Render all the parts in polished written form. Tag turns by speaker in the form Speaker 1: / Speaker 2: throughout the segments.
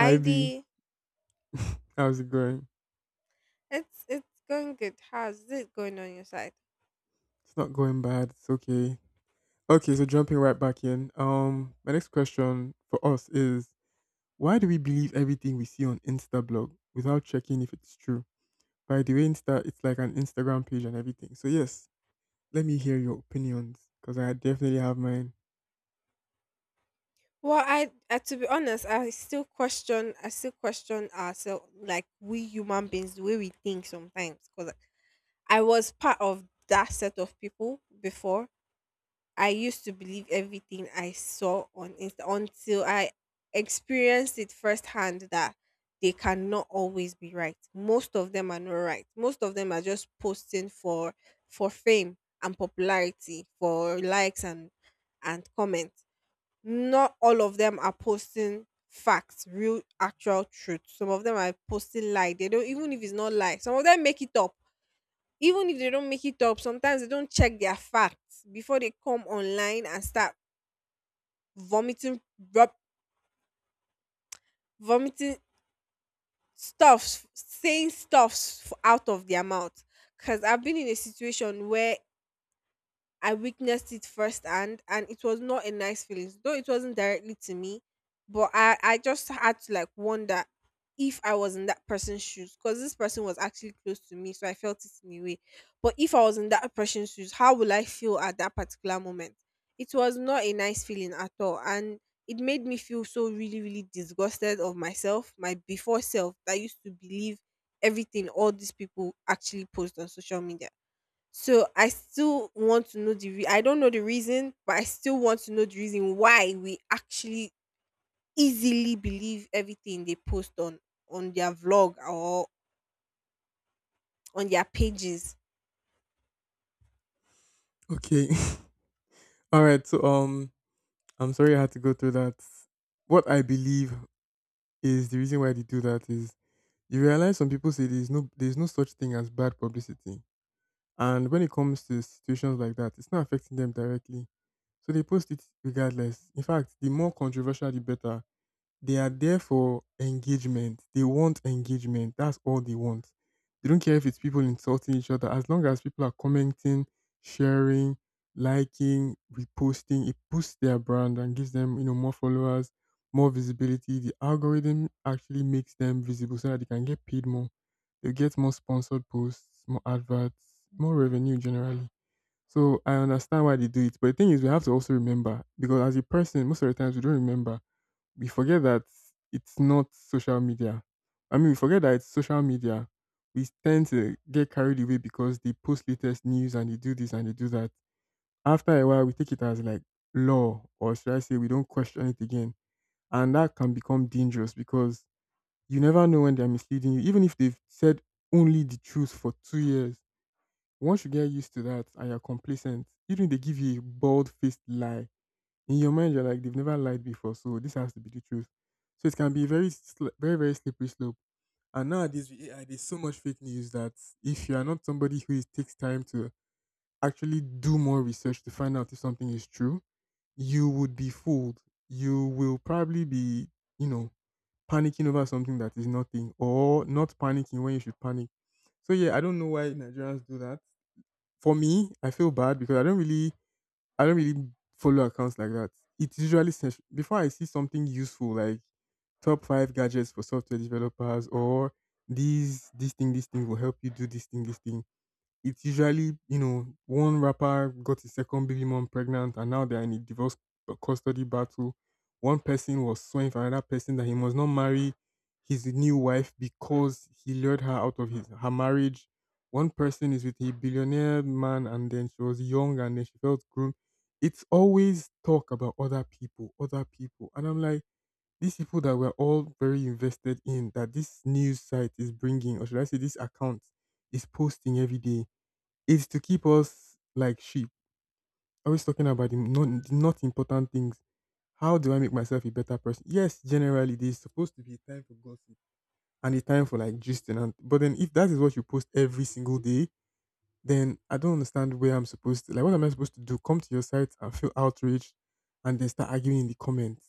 Speaker 1: Hi B,
Speaker 2: Dee.
Speaker 1: how's it going?
Speaker 2: It's going good. How's it going on your side?
Speaker 1: It's not going bad. It's okay. Okay, so jumping right back in. My next question for us is why do we believe everything we see on Insta blog without checking if it's true? By the way, Insta it's like an Instagram page and everything. So yes, let me hear your opinions because I definitely have mine.
Speaker 2: Well, I, to be honest, I still question. I still question ourselves, like we human beings, the way we think sometimes. Because I was part of that set of people before, I used to believe everything I saw on Insta until I experienced it firsthand that they cannot always be right. Most of them are not right. Most of them are just posting for fame and popularity, for likes and comments. Not all of them are posting facts, real actual truth. Some of them are posting lie. They don't even if it's not lie. Some of them make it up even if they don't make it up, sometimes they don't check their facts before they come online and start vomiting, rub, vomiting stuffs, saying stuffs out of their mouth. Because I've been in a situation where I witnessed it firsthand and it was not a nice feeling. Though it wasn't directly to me, but I just had to like wonder if I was in that person's shoes because this person was actually close to me, so I felt it in a way. But if I was in that person's shoes, how will I feel at that particular moment? It was not a nice feeling at all. And it made me feel so really, really disgusted of myself, my before self that used to believe everything all these people actually post on social media. So I still want to know the rea I don't know the reason, but I still want to know the reason why we actually easily believe everything they post on their vlog or on their pages.
Speaker 1: Okay. All right. So I'm sorry I had to go through that. What I believe is the reason why they do that is you realize some people say there's no such thing as bad publicity. And when it comes to situations like that, it's not affecting them directly. So they post it regardless. In fact, the more controversial, the better. They are there for engagement. They want engagement. That's all they want. They don't care if it's people insulting each other. As long as people are commenting, sharing, liking, reposting, it boosts their brand and gives them, you know, more followers, more visibility. The algorithm actually makes them visible so that they can get paid more. They get more sponsored posts, more adverts, more revenue generally. So I understand why they do it. But the thing is, we have to also remember because as a person, most of the times we don't remember, we forget that it's not social media. I mean, we forget that it's social media. We tend to get carried away because they post latest news and they do this and they do that. After a while, we take it as like law, or should I say, we don't question it again. And that can become dangerous because you never know when they're misleading you. Even if they've said only the truth for 2 years, once you get used to that and you're complacent, even if they give you a bald faced lie, in your mind, you're like, they've never lied before, so this has to be the truth. So it can be very, very slippery slope. And nowadays, with AI, there's so much fake news that if you are not somebody who is, takes time to actually do more research to find out if something is true, you would be fooled. You will probably be, you know, panicking over something that is nothing or not panicking when you should panic. So, yeah, I don't know why Nigerians do that. For me, I feel bad because I don't really follow accounts like that. It's usually sens- before I see something useful like top five gadgets for software developers or these this thing will help you do this thing, it's usually, you know, one rapper got his second baby mom pregnant and now they're in a divorce custody battle. One person was suing for another person that he must not marry his new wife because he lured her out of his her marriage. One person is with a billionaire man and then she was young and then she felt groomed. It's always talk about other people, other people. And I'm like, these people that we're all very invested in, that this news site is bringing, or should I say, this account is posting every day is to keep us like sheep, always talking about the not important things. How do I make myself a better person? Yes, generally there's supposed to be a time for gossip and a time for like gisting. And but then if that is what you post every single day, then I don't understand where I'm supposed to like what am I supposed to do? Come to your site and feel outraged and then start arguing in the comments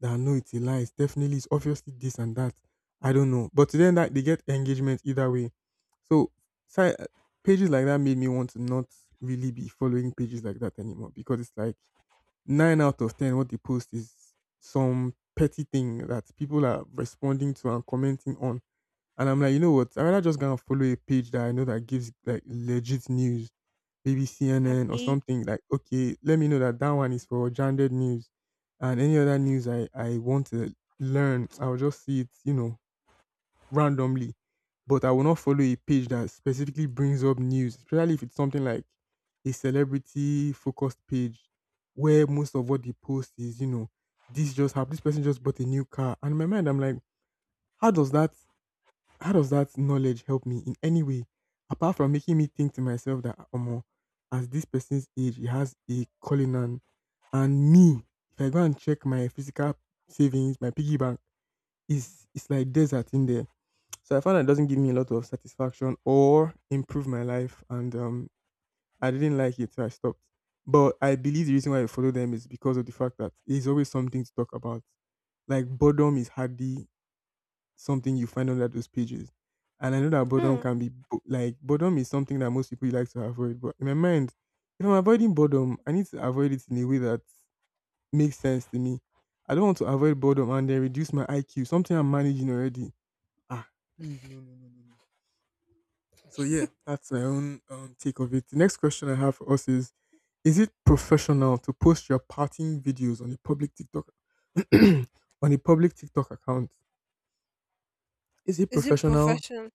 Speaker 1: that no, it's a lie, it's obviously this and that. I don't know. But to then that they get engagement either way. So site pages like that made me want to not really be following pages like that anymore because it's like nine out of ten what they post is some petty thing that people are responding to and commenting on, and I'm like, you know what? I'd rather just gonna follow a page that I know that gives like legit news, maybe CNN or
Speaker 2: Abi.
Speaker 1: something. Like, okay, let me know that that one is for gendered news, and any other news I want to learn, I'll just see it, you know, randomly. But I will not follow a page that specifically brings up news, especially if it's something like a celebrity focused page, where most of what they post is, you know, this just happened. This person just bought a new car, and in my mind, I'm like, how does that how does that knowledge help me in any way? Apart from making me think to myself that omo, as this person's age, he has a calling and me, if I go and check my physical savings, my piggy bank, it's like desert in there. So I found that it doesn't give me a lot of satisfaction or improve my life, and I didn't like it so I stopped. But I believe the reason why I follow them is because of the fact that it's always something to talk about, like boredom is hardly something you find under those pages. And I know that boredom
Speaker 2: hmm,
Speaker 1: can be bo- like boredom is something that most people like to avoid. But in my mind, if I'm avoiding boredom, I need to avoid it in a way that makes sense to me. I don't want to avoid boredom and then reduce my IQ, something I'm managing already. Ah, please, no, no, no, no, no. So yeah, that's my own take of it. The next question I have for us is: is it professional to post your partying videos on a public TikTok on a public TikTok account? Is it
Speaker 2: is it
Speaker 1: professional
Speaker 2: professional?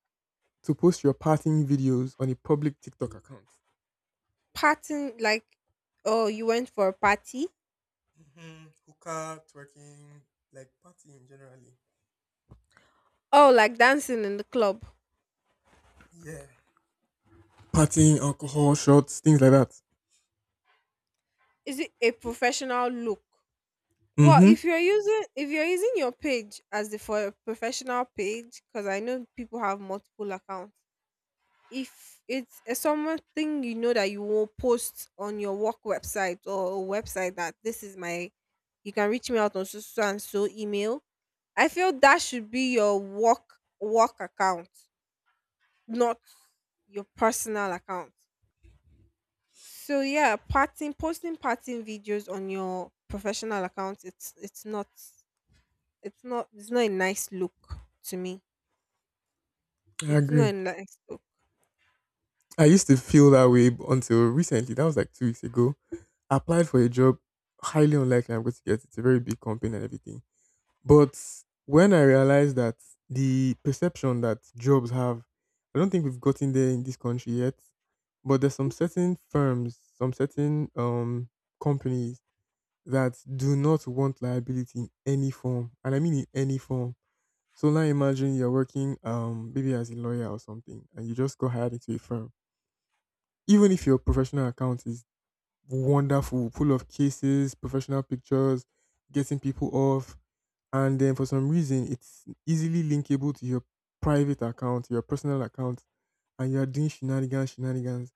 Speaker 1: to post your partying videos on a public TikTok account?
Speaker 2: Partying, like, oh, you went for a party?
Speaker 1: Mm-hmm. Hookah, twerking, like partying generally.
Speaker 2: Oh, like dancing in the club.
Speaker 1: Yeah. Partying, alcohol, shots, things like that.
Speaker 2: Is it a professional look? Well,
Speaker 1: Mm-hmm.
Speaker 2: if you're using your page as the for a professional page, because I know people have multiple accounts, if it's something, you know, that you will post on your work website, or a website that this is my, you can reach me out on so so and so email, I feel that should be your work account, not your personal account. So yeah, parting posting parting videos on your professional account, it's not a nice look. To me,
Speaker 1: I
Speaker 2: it's not
Speaker 1: agree.
Speaker 2: a nice look.
Speaker 1: I used to feel that way until recently. That was like 2 weeks ago. I applied for a job. Highly unlikely I'm going to get it. It's a very big company and everything. But when I realized that the perception that jobs have, I don't think we've gotten there in this country yet, but there's some certain firms, some certain companies that do not want liability in any form, and I mean in any form. So now imagine you're working maybe as a lawyer or something, and you just got hired into a firm. Even if your professional account is wonderful, full of cases, professional pictures, getting people off, and then for some reason it's easily linkable to your private account, your personal account, and you are doing shenanigans,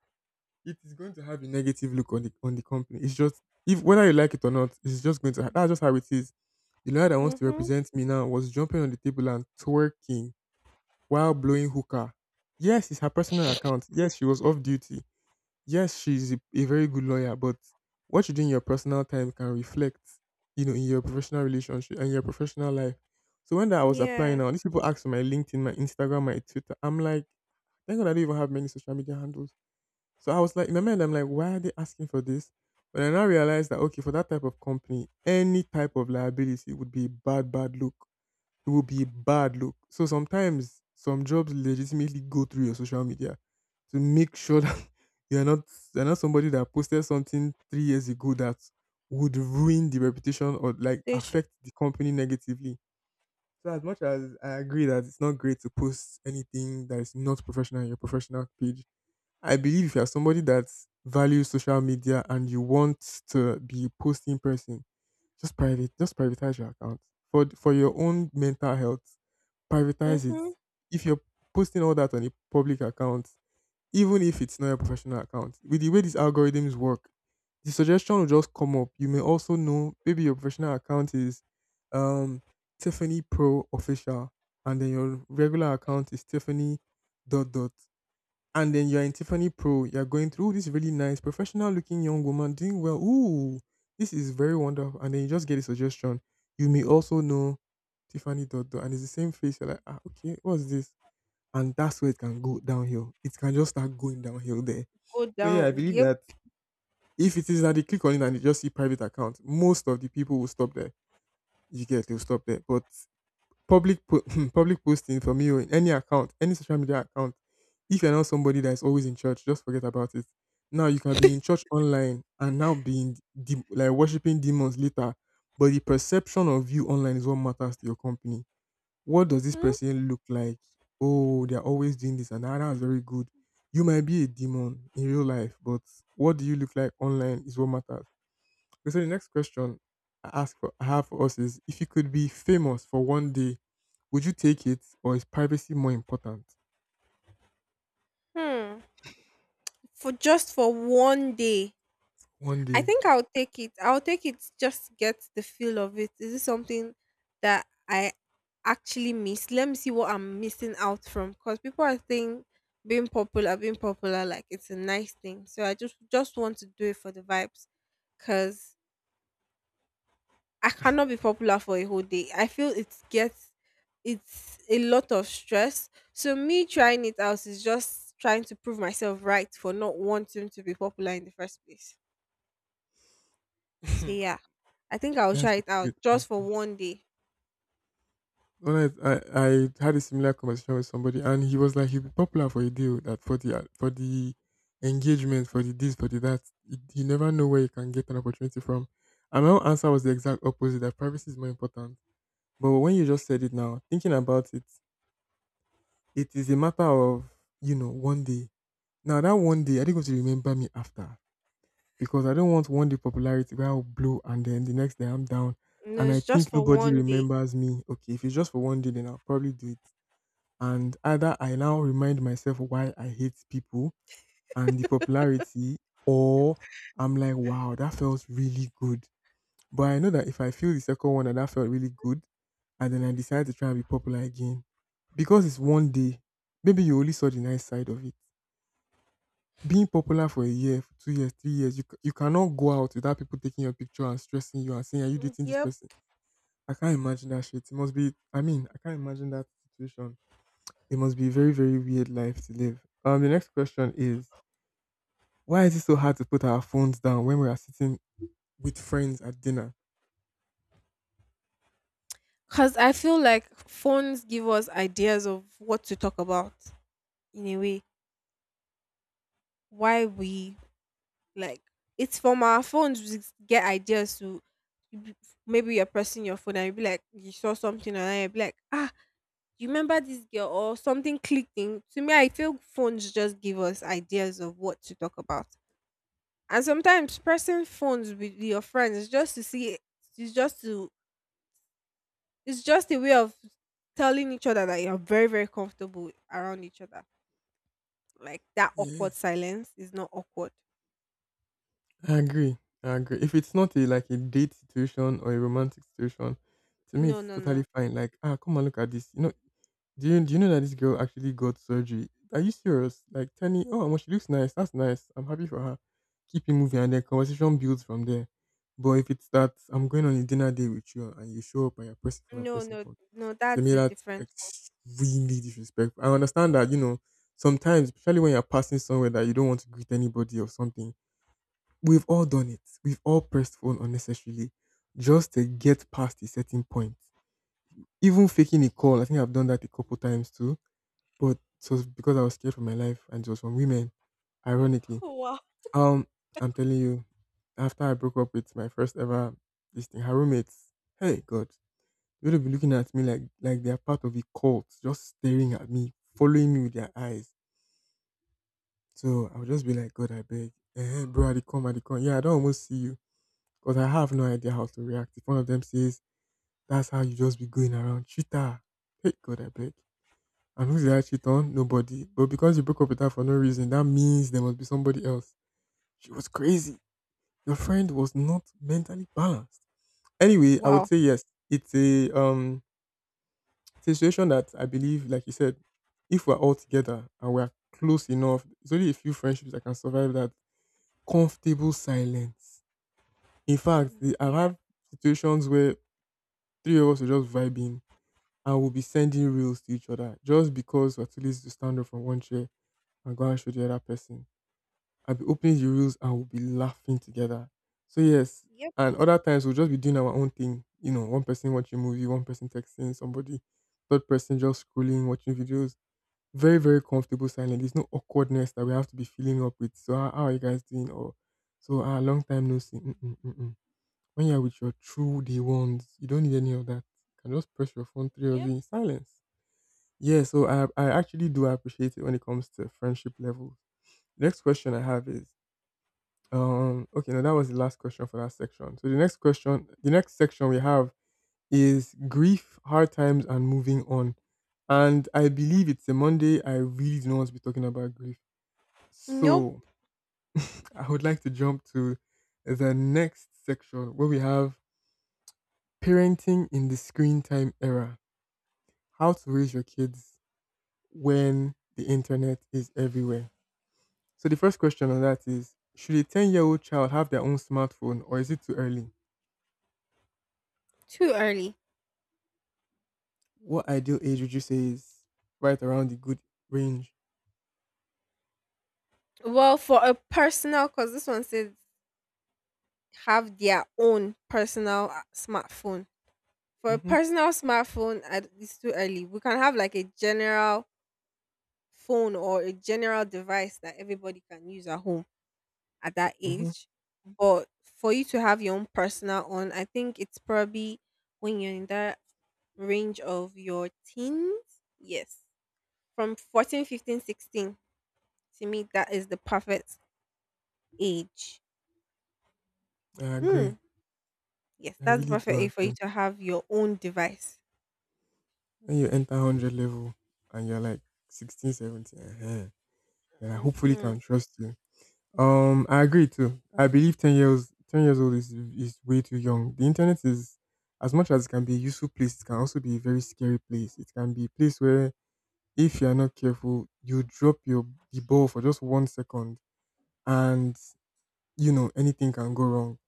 Speaker 1: it is going to have a negative look on the company. It's just if whether you like it or not, it's just going that's just how it is. The lawyer that wants to
Speaker 2: Mm-hmm.
Speaker 1: represent me now was jumping on the table and twerking while blowing hookah. Yes, it's her personal account. Yes, she was off duty, yes, she's a very good lawyer, but what you do in your personal time can reflect, you know, in your professional relationship and your professional life. So when I was applying
Speaker 2: Yeah,
Speaker 1: now, these people asked for my LinkedIn, my Instagram, my Twitter. I'm like, thank God I don't even have many social media handles. So I was like, in my mind, I'm like, why are they asking for this? But I now realized that okay, for that type of company, any type of liability would be a bad, bad look, it will be a bad look. So sometimes some jobs legitimately go through your social media to make sure that you're not you're not somebody that posted something 3 years ago that would ruin the reputation or like
Speaker 2: they should.
Speaker 1: affect the company negatively. So as much as I agree that it's not great to post anything that is not professional on your professional page, I believe if you're somebody that values social media and you want to be a posting person, just privatize your account for your own mental health. Privatize it.
Speaker 2: Mm-hmm.
Speaker 1: If you're posting all that on a public account, even if it's not a professional account, with the way these algorithms work, the suggestion will just come up. You may also know maybe your professional account is um Tiffany Pro official, and then your regular account is Tiffany dot dot. And then you're in Tiffany Pro, you're going through, "Ooh, this really nice professional looking young woman doing well. Ooh, this is very wonderful." And then you just get a suggestion. You may also know Tiffany dot dot, and it's the same face. You're like, ah, okay, what's this? And that's where it can go downhill. It can just start going downhill there.
Speaker 2: Go
Speaker 1: So yeah, I
Speaker 2: down,
Speaker 1: believe
Speaker 2: yeah.
Speaker 1: that if it is that they click on it and they just see private account, most of the people will stop there. You get they'll stop there. But Public po- public posting from you in any account, any social media account. If you're not somebody that is always in church, just forget about it. Now you can be in church online and now being like worshiping demons later, but the perception of you online is what matters to your company. What does this
Speaker 2: Mm-hmm.
Speaker 1: person look like? Oh, they're always doing this and that. That's very good. You might be a demon in real life, but what do you look like online is what matters. Okay, so the next question I have for us is if you could be famous for one day, would you take it or is privacy more important?
Speaker 2: Hmm. For just for one day.
Speaker 1: One
Speaker 2: I
Speaker 1: day.
Speaker 2: think I'll take it. I'll take it just to get the feel of it. Is this something that I actually miss? Let me see what I'm missing out from. Because people are saying being popular, like it's a nice thing. So I just want to do it for the vibes. Cause I cannot be popular for a whole day. I feel it's a lot of stress. So me trying it out is just trying to prove myself right for not wanting to be popular in the first place. So yeah, I think I'll
Speaker 1: That's
Speaker 2: try
Speaker 1: a
Speaker 2: it out
Speaker 1: great
Speaker 2: just for
Speaker 1: answer.
Speaker 2: one day.
Speaker 1: When I had a similar conversation with somebody and he was like he'd be popular for a deal that for the engagement, for the this, for the that. You never know where you can get an opportunity from. And my own answer was the exact opposite, that privacy is more important. But when you just said it now, thinking about it, it is a matter of, you know, one day. Now that one day, are they going to remember me after? Because I don't want one day popularity where I'll blow and then the next day I'm down
Speaker 2: No,
Speaker 1: and I
Speaker 2: it's just
Speaker 1: think
Speaker 2: for
Speaker 1: nobody
Speaker 2: one day.
Speaker 1: remembers me. Okay, if it's just for one day, then I'll probably do it. And either I now remind myself why I hate people and the popularity, or I'm like, wow, that felt really good. But I know that if I feel the second one and that felt really good, and then I decide to try and be popular again, because it's one day, maybe you only saw the nice side of it being popular for a year, for 2 years, 3 years, you cannot go out without people taking your picture and stressing you and saying, Are you
Speaker 2: Mm,
Speaker 1: dating this
Speaker 2: yep.
Speaker 1: person? I can't imagine that shit. It must be, I mean, I can't imagine that situation. It must be a very, very weird life to live. The next question is: Why is it so hard to put our phones down when we are sitting with friends at dinner?
Speaker 2: Cause I feel like phones give us ideas of what to talk about, in a way. Why we. Like, it's from our phones we get ideas to, you, maybe you're pressing your phone and you'll be like you saw something and you'll be like, ah, you remember this girl or something clicking. To me, I feel phones just give us ideas of what to talk about. And sometimes pressing phones with your friends is just to see. It's just to it's just a way of telling each other that you're very, very comfortable around each other. Like that
Speaker 1: Yeah,
Speaker 2: awkward silence is not awkward.
Speaker 1: I agree. I agree. If it's not a like a date situation or a romantic situation, to me
Speaker 2: No,
Speaker 1: it's
Speaker 2: no,
Speaker 1: totally
Speaker 2: no.
Speaker 1: fine. Like, ah, come and look at this. You know, do you know that this girl actually got surgery? Are you serious? Like Tani, oh well, she looks nice. That's nice. I'm happy for her. Keep it moving and then conversation builds from there. But if it's that I'm going on a dinner date with you and you show up and you're pressing for that
Speaker 2: No,
Speaker 1: person
Speaker 2: no,
Speaker 1: phone,
Speaker 2: no,
Speaker 1: to
Speaker 2: that's
Speaker 1: me
Speaker 2: a
Speaker 1: that's
Speaker 2: different.
Speaker 1: extremely disrespectful. I understand that, you know, sometimes, especially when you're passing somewhere that you don't want to greet anybody or something, we've all done it. We've all pressed phone unnecessarily just to get past a certain point. Even faking a call, I think I've done that a couple times too but it was because I was scared for my life and it was from women, ironically. Um, I'm telling you, after I broke up with my first ever this thing, her roommates, hey God, they would be looking at me like they are part of a cult, just staring at me, following me with their eyes. So I would just be like, God, I beg. Eh, bro, I dey come, I dey come. Yeah, I don't almost see you. Because I have no idea how to react. If one of them says, That's how you just be going around, cheater. Hey God, I beg. And who's the actually on? Nobody. But because you broke up with her for no reason, that means there must be somebody else. She was crazy. Your friend was not mentally balanced. Anyway, I would
Speaker 2: Wow.
Speaker 1: say yes. It's a um it's a situation that I believe, like you said, if we're all together and we're close enough, it's only a few friendships that can survive that comfortable silence. In fact,
Speaker 2: Mm,
Speaker 1: I've
Speaker 2: yeah.
Speaker 1: had situations where three of us are just vibing and we'll be sending reels to each other just because we're too lazy to stand up from one chair and go and show the other person. I'll be opening the reels and we'll be laughing together. So yes,
Speaker 2: Yep.
Speaker 1: and other times we'll just be doing our own thing. You know, one person watching movie, one person texting somebody, third person just scrolling, watching videos. Very, very comfortable silence. There's no awkwardness that we have to be filling up with. So how are you guys doing? Or so a long time no see. Mm-mm, mm-mm. When you're with your true day ones, you don't need any of that. You can just press your phone, three of you
Speaker 2: Yep.
Speaker 1: in silence. Yeah, so I actually do appreciate it when it comes to friendship levels. Next question I have is okay, now that was the last question for that section. So the next question, the next section we have is grief, hard times, and moving on. And I believe it's a Monday. I really do not want to be talking about grief.
Speaker 2: Nope.
Speaker 1: So I would like to jump to the next section where we have parenting in the screen time era. How to raise your kids when the internet is everywhere. So the first question on that is should a 10-year-old child have their own smartphone or is it too early?
Speaker 2: Too early.
Speaker 1: What ideal age would you say is right around the good range?
Speaker 2: Well, for a personal, because this one says have their own personal smartphone. For a
Speaker 1: Mm-hmm.
Speaker 2: personal smartphone, it's too early. We can have like a general phone or a general device that everybody can use at home at that
Speaker 1: Mm-hmm.
Speaker 2: age. But for you to have your own personal one, I think it's probably when you're in that range of your teens. Yes. From 14, 15, 16. To me, that is the perfect age.
Speaker 1: I agree.
Speaker 2: Hmm. Yes,
Speaker 1: I
Speaker 2: that's the
Speaker 1: really do
Speaker 2: perfect age for you
Speaker 1: agree.
Speaker 2: to have your own device.
Speaker 1: When you enter 100 level and you're like 16, 17, uh-huh, then I hopefully can
Speaker 2: Mm-hmm.
Speaker 1: trust you. I agree too. I believe ten years old is way too young. The internet is as much as it can be a useful place, it can also be a very scary place. It can be a place where if you are not careful, you drop your the ball for just one second and you know anything can go wrong.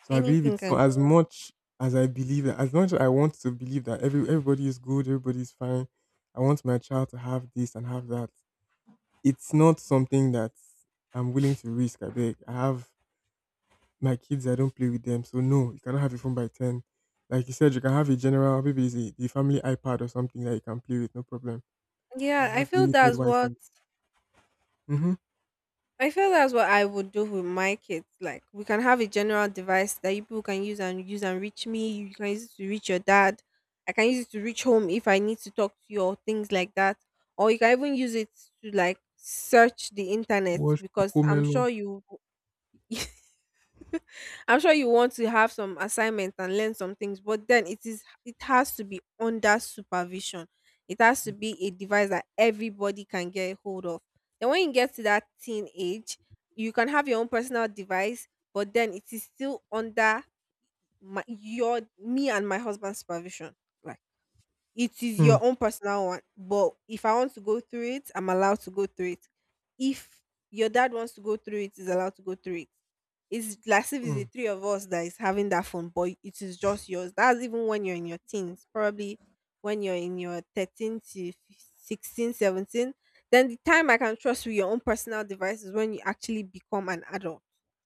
Speaker 1: So I believe
Speaker 2: Anything
Speaker 1: it's so
Speaker 2: can go
Speaker 1: as
Speaker 2: wrong.
Speaker 1: much as I believe that As much as I want to believe that everybody is good, everybody is fine. I want my child to have this and have that. It's not something that I'm willing to risk. I beg. I have My kids, I don't play with them, so no, you cannot have a phone by ten. Like you said, you can have a general, maybe it's the family iPad or something that you can play with, no problem. And
Speaker 2: Yeah,
Speaker 1: has limited Wi-Fi. Mm-hmm.
Speaker 2: I feel that's what I would do with my kids. Like, we can have a general device that you people can use and reach me. You can use it to reach your dad. I can use it to reach home if I need to talk to you or things like that. Or you can even use it to like search the internet,
Speaker 1: Watch
Speaker 2: because I'm
Speaker 1: Cocomelon.
Speaker 2: sure you I'm sure you want to have some assignments and learn some things, but then it has to be under supervision. It has to be a device that everybody can get hold of. Then when you get to that teen age, you can have your own personal device, but then it is still under my your me and my husband's supervision. Like, it is
Speaker 1: Hmm.
Speaker 2: your own personal one, but if I want to go through it, I'm allowed to go through it. If your dad wants to go through it, he's allowed to go through it. It's like if it's
Speaker 1: Hmm.
Speaker 2: the three of us that is having that phone, but it is just yours. That's even when you're in your teens, probably when you're in your 13 to 16, 17. Then the time I can trust with your own personal device is when you actually become an adult,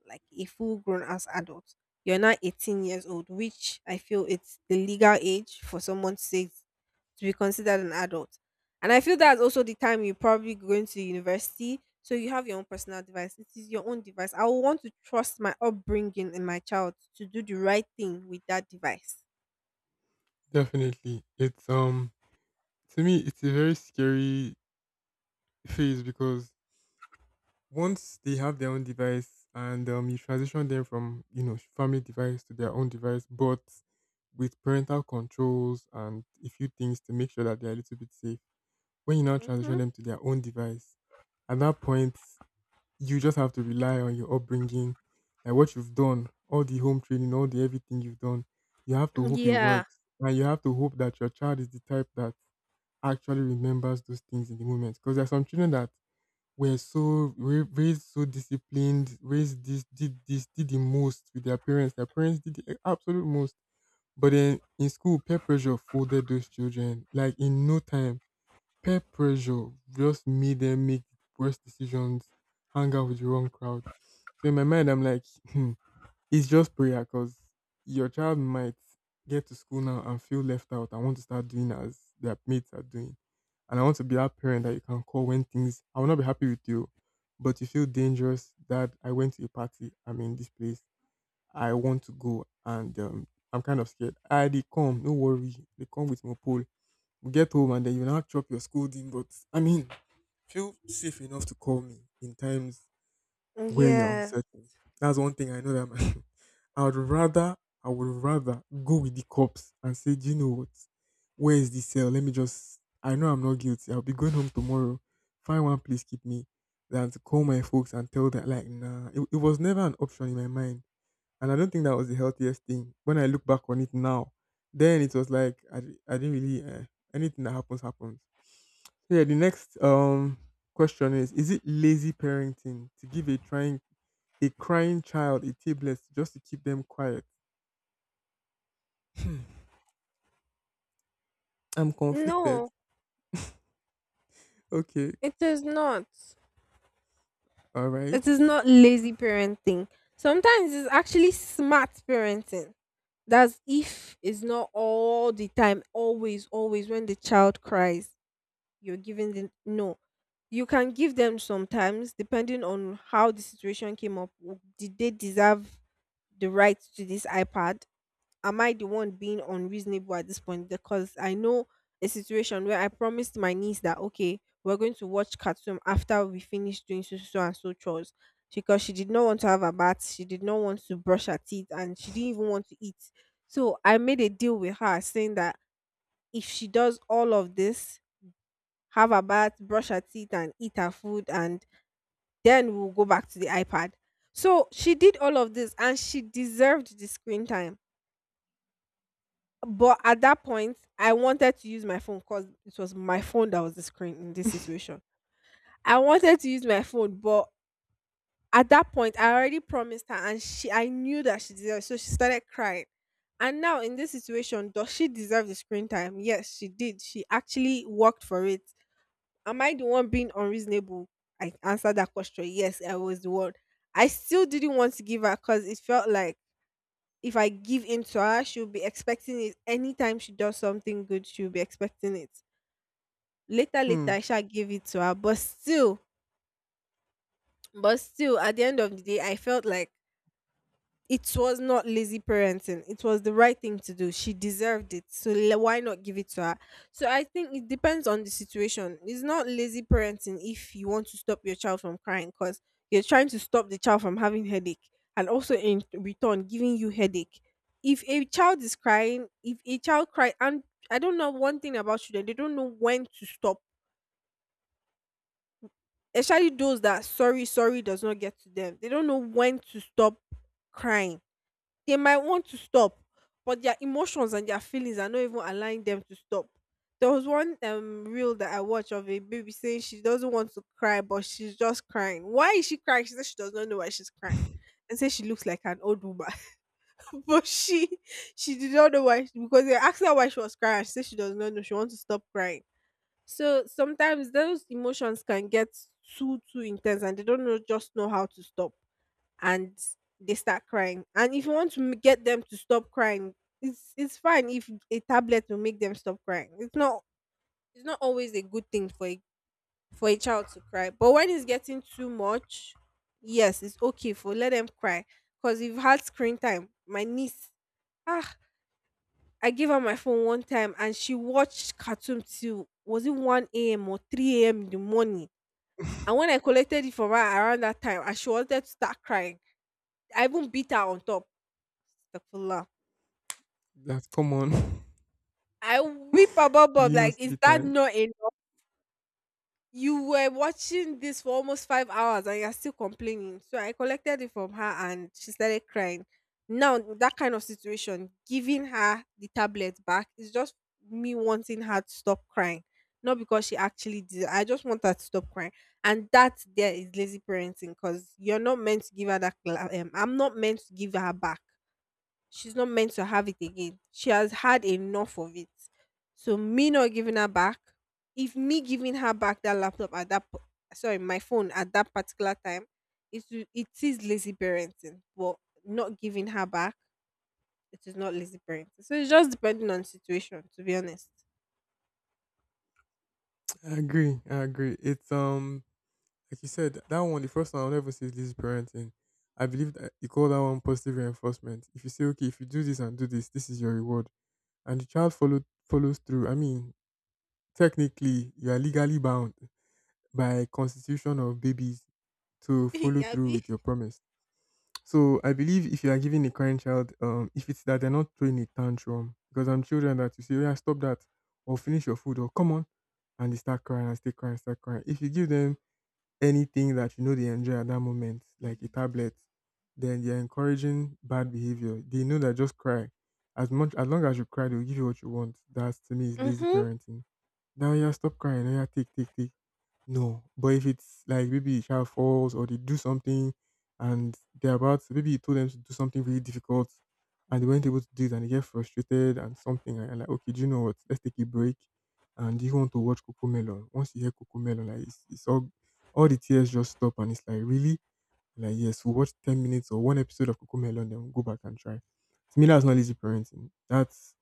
Speaker 2: like a full grown ass adult, you're not 18 years old, which I feel it's the legal age for someone to be considered an adult. And I feel that's also the time you're probably going to university. So you have your own personal device. It is your own device. I will want to trust my upbringing in my child to do the right thing with that device.
Speaker 1: Definitely. It's To me it's a very scary phase because once they have their own device, and you transition them from family device to their own device, but with parental controls and a few things to make sure that they're a little bit safe. When you now transition
Speaker 2: Hmm.
Speaker 1: them to their own device, at that point, you just have to rely on your upbringing, like what you've done, all the home training, all the everything you've done. You have to hope it
Speaker 2: Yeah.
Speaker 1: works. And you have to hope that your child is the type that actually remembers those things in the moment. Because there are some children that were raised so disciplined, raised this, did the most with their parents. Their parents did the absolute most. But then in school, peer pressure folded those children like in no time. Peer pressure just made them make worse decisions, hang out with the wrong crowd. So in my mind, I'm like, hmm, it's just prayer because your child might get to school now and feel left out. I want to start doing as their mates are doing. And I want to be that parent that you can call when things, I will not be happy with you, but you feel dangerous that I went to a party. I'm in this place. I want to go and I'm kind of scared. I they come, no worry. They come with my pole. You get home and then you now chop your scolding. But I mean, feel safe enough to call me in times where you're
Speaker 2: Yeah.
Speaker 1: uncertain. That's one thing I know that I would rather I would rather go with the cops and say, Do you know what? Where is the cell? Let me just I know I'm not guilty. I'll be going home tomorrow. Find one place keep me than to call my folks and tell them like nah. It was never an option in my mind, and I don't think that was the healthiest thing. When I look back on it now, then it was like I didn't really anything that happens happens. So yeah, the next question is it lazy parenting to give a trying a crying child a tablet just to keep them quiet? Hmm, I'm conflicted.
Speaker 2: No,
Speaker 1: Okay,
Speaker 2: it is not.
Speaker 1: all right.
Speaker 2: It is not lazy parenting. Sometimes it's actually smart parenting. That's if it's not all the time, always, always when the child cries. You're giving them. No, you can give them sometimes depending on how the situation came up. Did they deserve the right to this iPad? Am I the one being unreasonable at this point? Because I know a situation where I promised my niece that, okay, we're going to watch cartoon after we finish doing so and so chores, because she did not want to have a bath, she did not want to brush her teeth, and she didn't even want to eat. So I made a deal with her, saying that if she does all of this, have her bath, brush her teeth, and eat her food, and then we'll go back to the iPad. So she did all of this and she deserved the screen time. But at that point, I wanted to use my phone because it was my phone that was the screen in this situation. I wanted to use my phone, but at that point, I already promised her, and she I knew that she deserved it. So she started crying. And now in this situation, does she deserve the screen time? Yes, she did. She actually worked for it. Am I the one being unreasonable? I answered that question. Yes, I was the one. I still didn't want to give her because it felt like, if I give in to her, she'll be expecting it. Anytime she does something good, she'll be expecting it. Later,
Speaker 1: Hmm,
Speaker 2: later, I shall give it to her. But still, at the end of the day, I felt like it was not lazy parenting. It was the right thing to do. She deserved it. So why not give it to her? So I think it depends on the situation. It's not lazy parenting if you want to stop your child from crying, because you're trying to stop the child from having headache and also in return giving you headache. If a child is crying, if a child cry, and I don't know, one thing about children, they don't know when to stop. Especially those that sorry, sorry does not get to them. They don't know when to stop crying. They might want to stop, but their emotions and their feelings are not even allowing them to stop. There was one reel that I watched of a baby saying she doesn't want to cry, but she's just crying. Why is she crying? She says she does not know why she's crying. And says she looks like an old woman. But she did not know why, because they asked her why she was crying. She said she does not know. She wants to stop crying. So sometimes those emotions can get too too intense and they don't know just know how to stop, and they start crying. And if you want to get them to stop crying, it's fine if a tablet will make them stop crying. It's not always a good thing for a child to cry. But when it's getting too much, yes, it's okay for let them cry. Because you've had screen time. My niece, ah, I gave her my phone one time and she watched cartoon till, was it 1 a.m. or 3 a.m. in the morning. And when I collected it from her around that time, and she wanted to start crying. I even beat her on top. Astaghfirullah.
Speaker 1: that's common.
Speaker 2: I whip above
Speaker 1: Do
Speaker 2: Bob
Speaker 1: you know
Speaker 2: like, is
Speaker 1: the
Speaker 2: that
Speaker 1: time?
Speaker 2: not enough? You were watching this for almost 5 hours and you're still complaining. So I collected it from her and she started crying. Now, that kind of situation, giving her the tablet back is just me wanting her to stop crying. Not because she actually did it. I just want her to stop crying. And that there is lazy parenting, because you're not meant to give her that. I'm not meant to give her back. She's not meant to have it again. She has had enough of it. So me not giving her back, if me giving her back that laptop at that sorry, my phone at that particular time, it it is lazy parenting. But not giving her back, it is not lazy parenting. So it's just depending on situation, to be honest.
Speaker 1: I agree. I agree. It's like you said, that one, the first one, I'll never say this parenting. I believe that you call that one positive reinforcement. If you say, okay, if you do this and do this, this is your reward, and the child follows through. I mean, technically, you are legally bound by constitution of babies to follow through
Speaker 2: Yabi.
Speaker 1: with your promise. So I believe if you are giving a crying child, if it's that they're not throwing a tantrum, because I'm children that you say, "Oh, yeah, stop that, or finish your food, or come on, and they start crying and stay crying, start crying. If you give them anything that you know they enjoy at that moment, like a tablet, then you're encouraging bad behavior. They know that just cry. As much as long as you cry, they'll give you what you want. That's to me is lazy
Speaker 2: Mhm.
Speaker 1: parenting. Now yeah, stop crying. Now yeah, take, take, take. No, but if it's like maybe the child falls or they do something and they're about to, maybe you told them to do something really difficult and they weren't able to do it and they get frustrated and something and you're like, okay, do you know what? Let's take a break and you want to watch Coco Melon. Once you hear Coco Melon, like it's all the tears just stop and it's like really like yes, we'll watch 10 minutes or one episode of Coco Melon, then we'll go back and try. To me, that's not lazy parenting. That's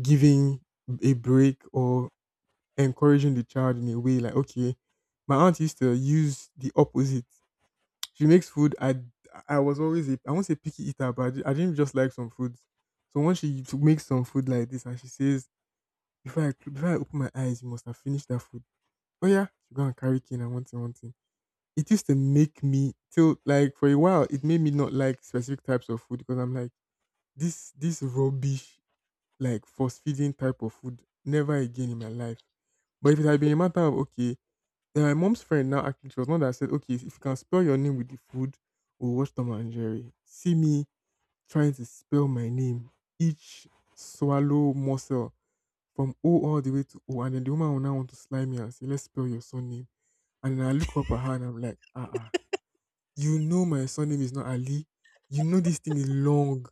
Speaker 1: giving a break or encouraging the child in a way like, okay, my aunt used to use the opposite. She makes food. I was always a I won't say picky eater, but I didn't just like some foods. So when she to make some food like this, and she says, before before I open my eyes, you must have finished that food. Oh yeah, she go and carry cane and one thing, one thing. It used to make me till like for a while, it made me not like specific types of food because I'm like this rubbish like force feeding type of food never again in my life. But if it had been a matter of okay, then my mom's friend now actually she was the one that said, okay, if you can spell your name with the food, we'll watch Tom and Jerry. See me trying to spell my name, each swallow muscle from O all the way to O. And then the woman will now want to slime me and say, let's spell your surname. And then I look up at her and I'm like, you know my surname is not Ali. You know this thing is long.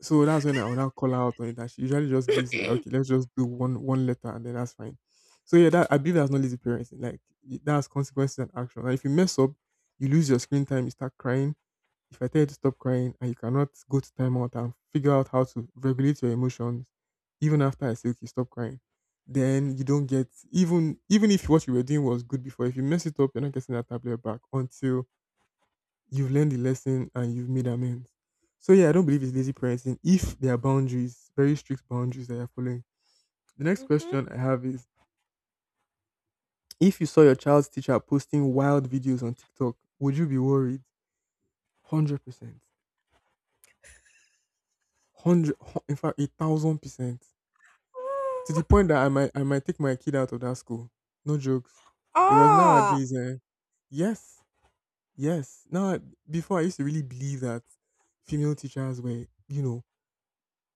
Speaker 1: So that's when I would now call her out on it. And she usually just gives it. Like, okay, let's just do one letter and then that's fine. So yeah, that I believe that's not lazy parenting. Like that's consequences and action. And if you mess up, you lose your screen time. You start crying. If I tell you to stop crying and you cannot go to timeout and figure out how to regulate your emotions, even after I say okay, stop crying, then you don't get even even if what you were doing was good before. If you mess it up, you're not getting that tablet back until you've learned the lesson and you've made amends. So yeah, I don't believe it's lazy parenting if there are boundaries, very strict boundaries that you're following. The next
Speaker 2: Mhm.
Speaker 1: question I have is if you saw your child's teacher posting wild videos on TikTok, would you be worried? 100%. Hundred in fact 1000%. To the point that I might take my kid out of that school. No jokes. Because
Speaker 2: Oh.
Speaker 1: nowadays, eh, yes, yes. Now before I used to really believe that female teachers were, you know,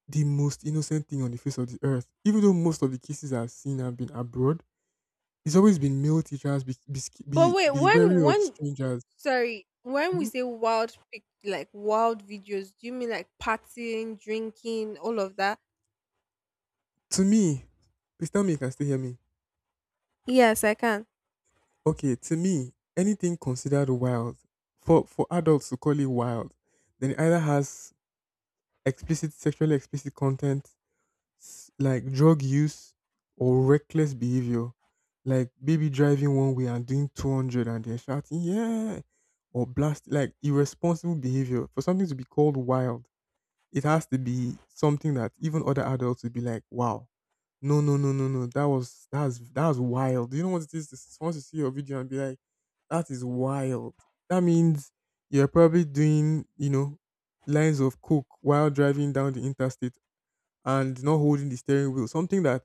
Speaker 1: the most innocent thing on the face of the earth. Even though most of the cases I've seen have been abroad, it's always been male teachers be be sca-
Speaker 2: But
Speaker 1: be,
Speaker 2: wait,
Speaker 1: be wary of
Speaker 2: when
Speaker 1: strangers.
Speaker 2: sorry, when we
Speaker 1: Mhm.
Speaker 2: say wild pic, like wild videos, do you mean like partying, drinking, all of that?
Speaker 1: To me, please tell me you can still hear me.
Speaker 2: Yes, I can.
Speaker 1: Okay, to me, anything considered wild for adults to call it wild, then it either has explicit sexually explicit content like drug use or reckless behavior, like baby driving one way and doing 200 and then shouting, yeah, or blast, like irresponsible behavior. For something to be called wild, it has to be something that even other adults would be like, wow, no, no, no, no, no, that was, that's wild. You know what it is? This wants to see your video and be like, that is wild. That means you're probably doing, you know, lines of coke while driving down the interstate and not holding the steering wheel. Something that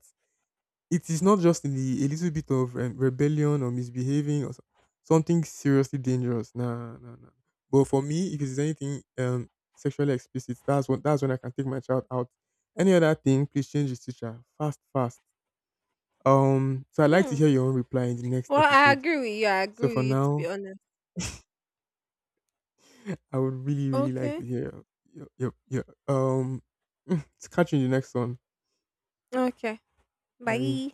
Speaker 1: it is not just in the a little bit of rebellion or misbehaving or something seriously dangerous. Nah, nah, nah. But for me, if it's anything sexually explicit, that's when I can take my child out. Any other thing, please change his teacher fast, fast. So I'd like to
Speaker 2: Hmm.
Speaker 1: hear your own reply in the next
Speaker 2: Well, I
Speaker 1: episode.
Speaker 2: agree with you. I agree
Speaker 1: So
Speaker 2: with
Speaker 1: for
Speaker 2: you, to be
Speaker 1: now,
Speaker 2: honest.
Speaker 1: I would really, really like to
Speaker 2: Okay.
Speaker 1: hear your your. to catch you in the next one.
Speaker 2: Okay.
Speaker 1: Bye.
Speaker 2: Bye.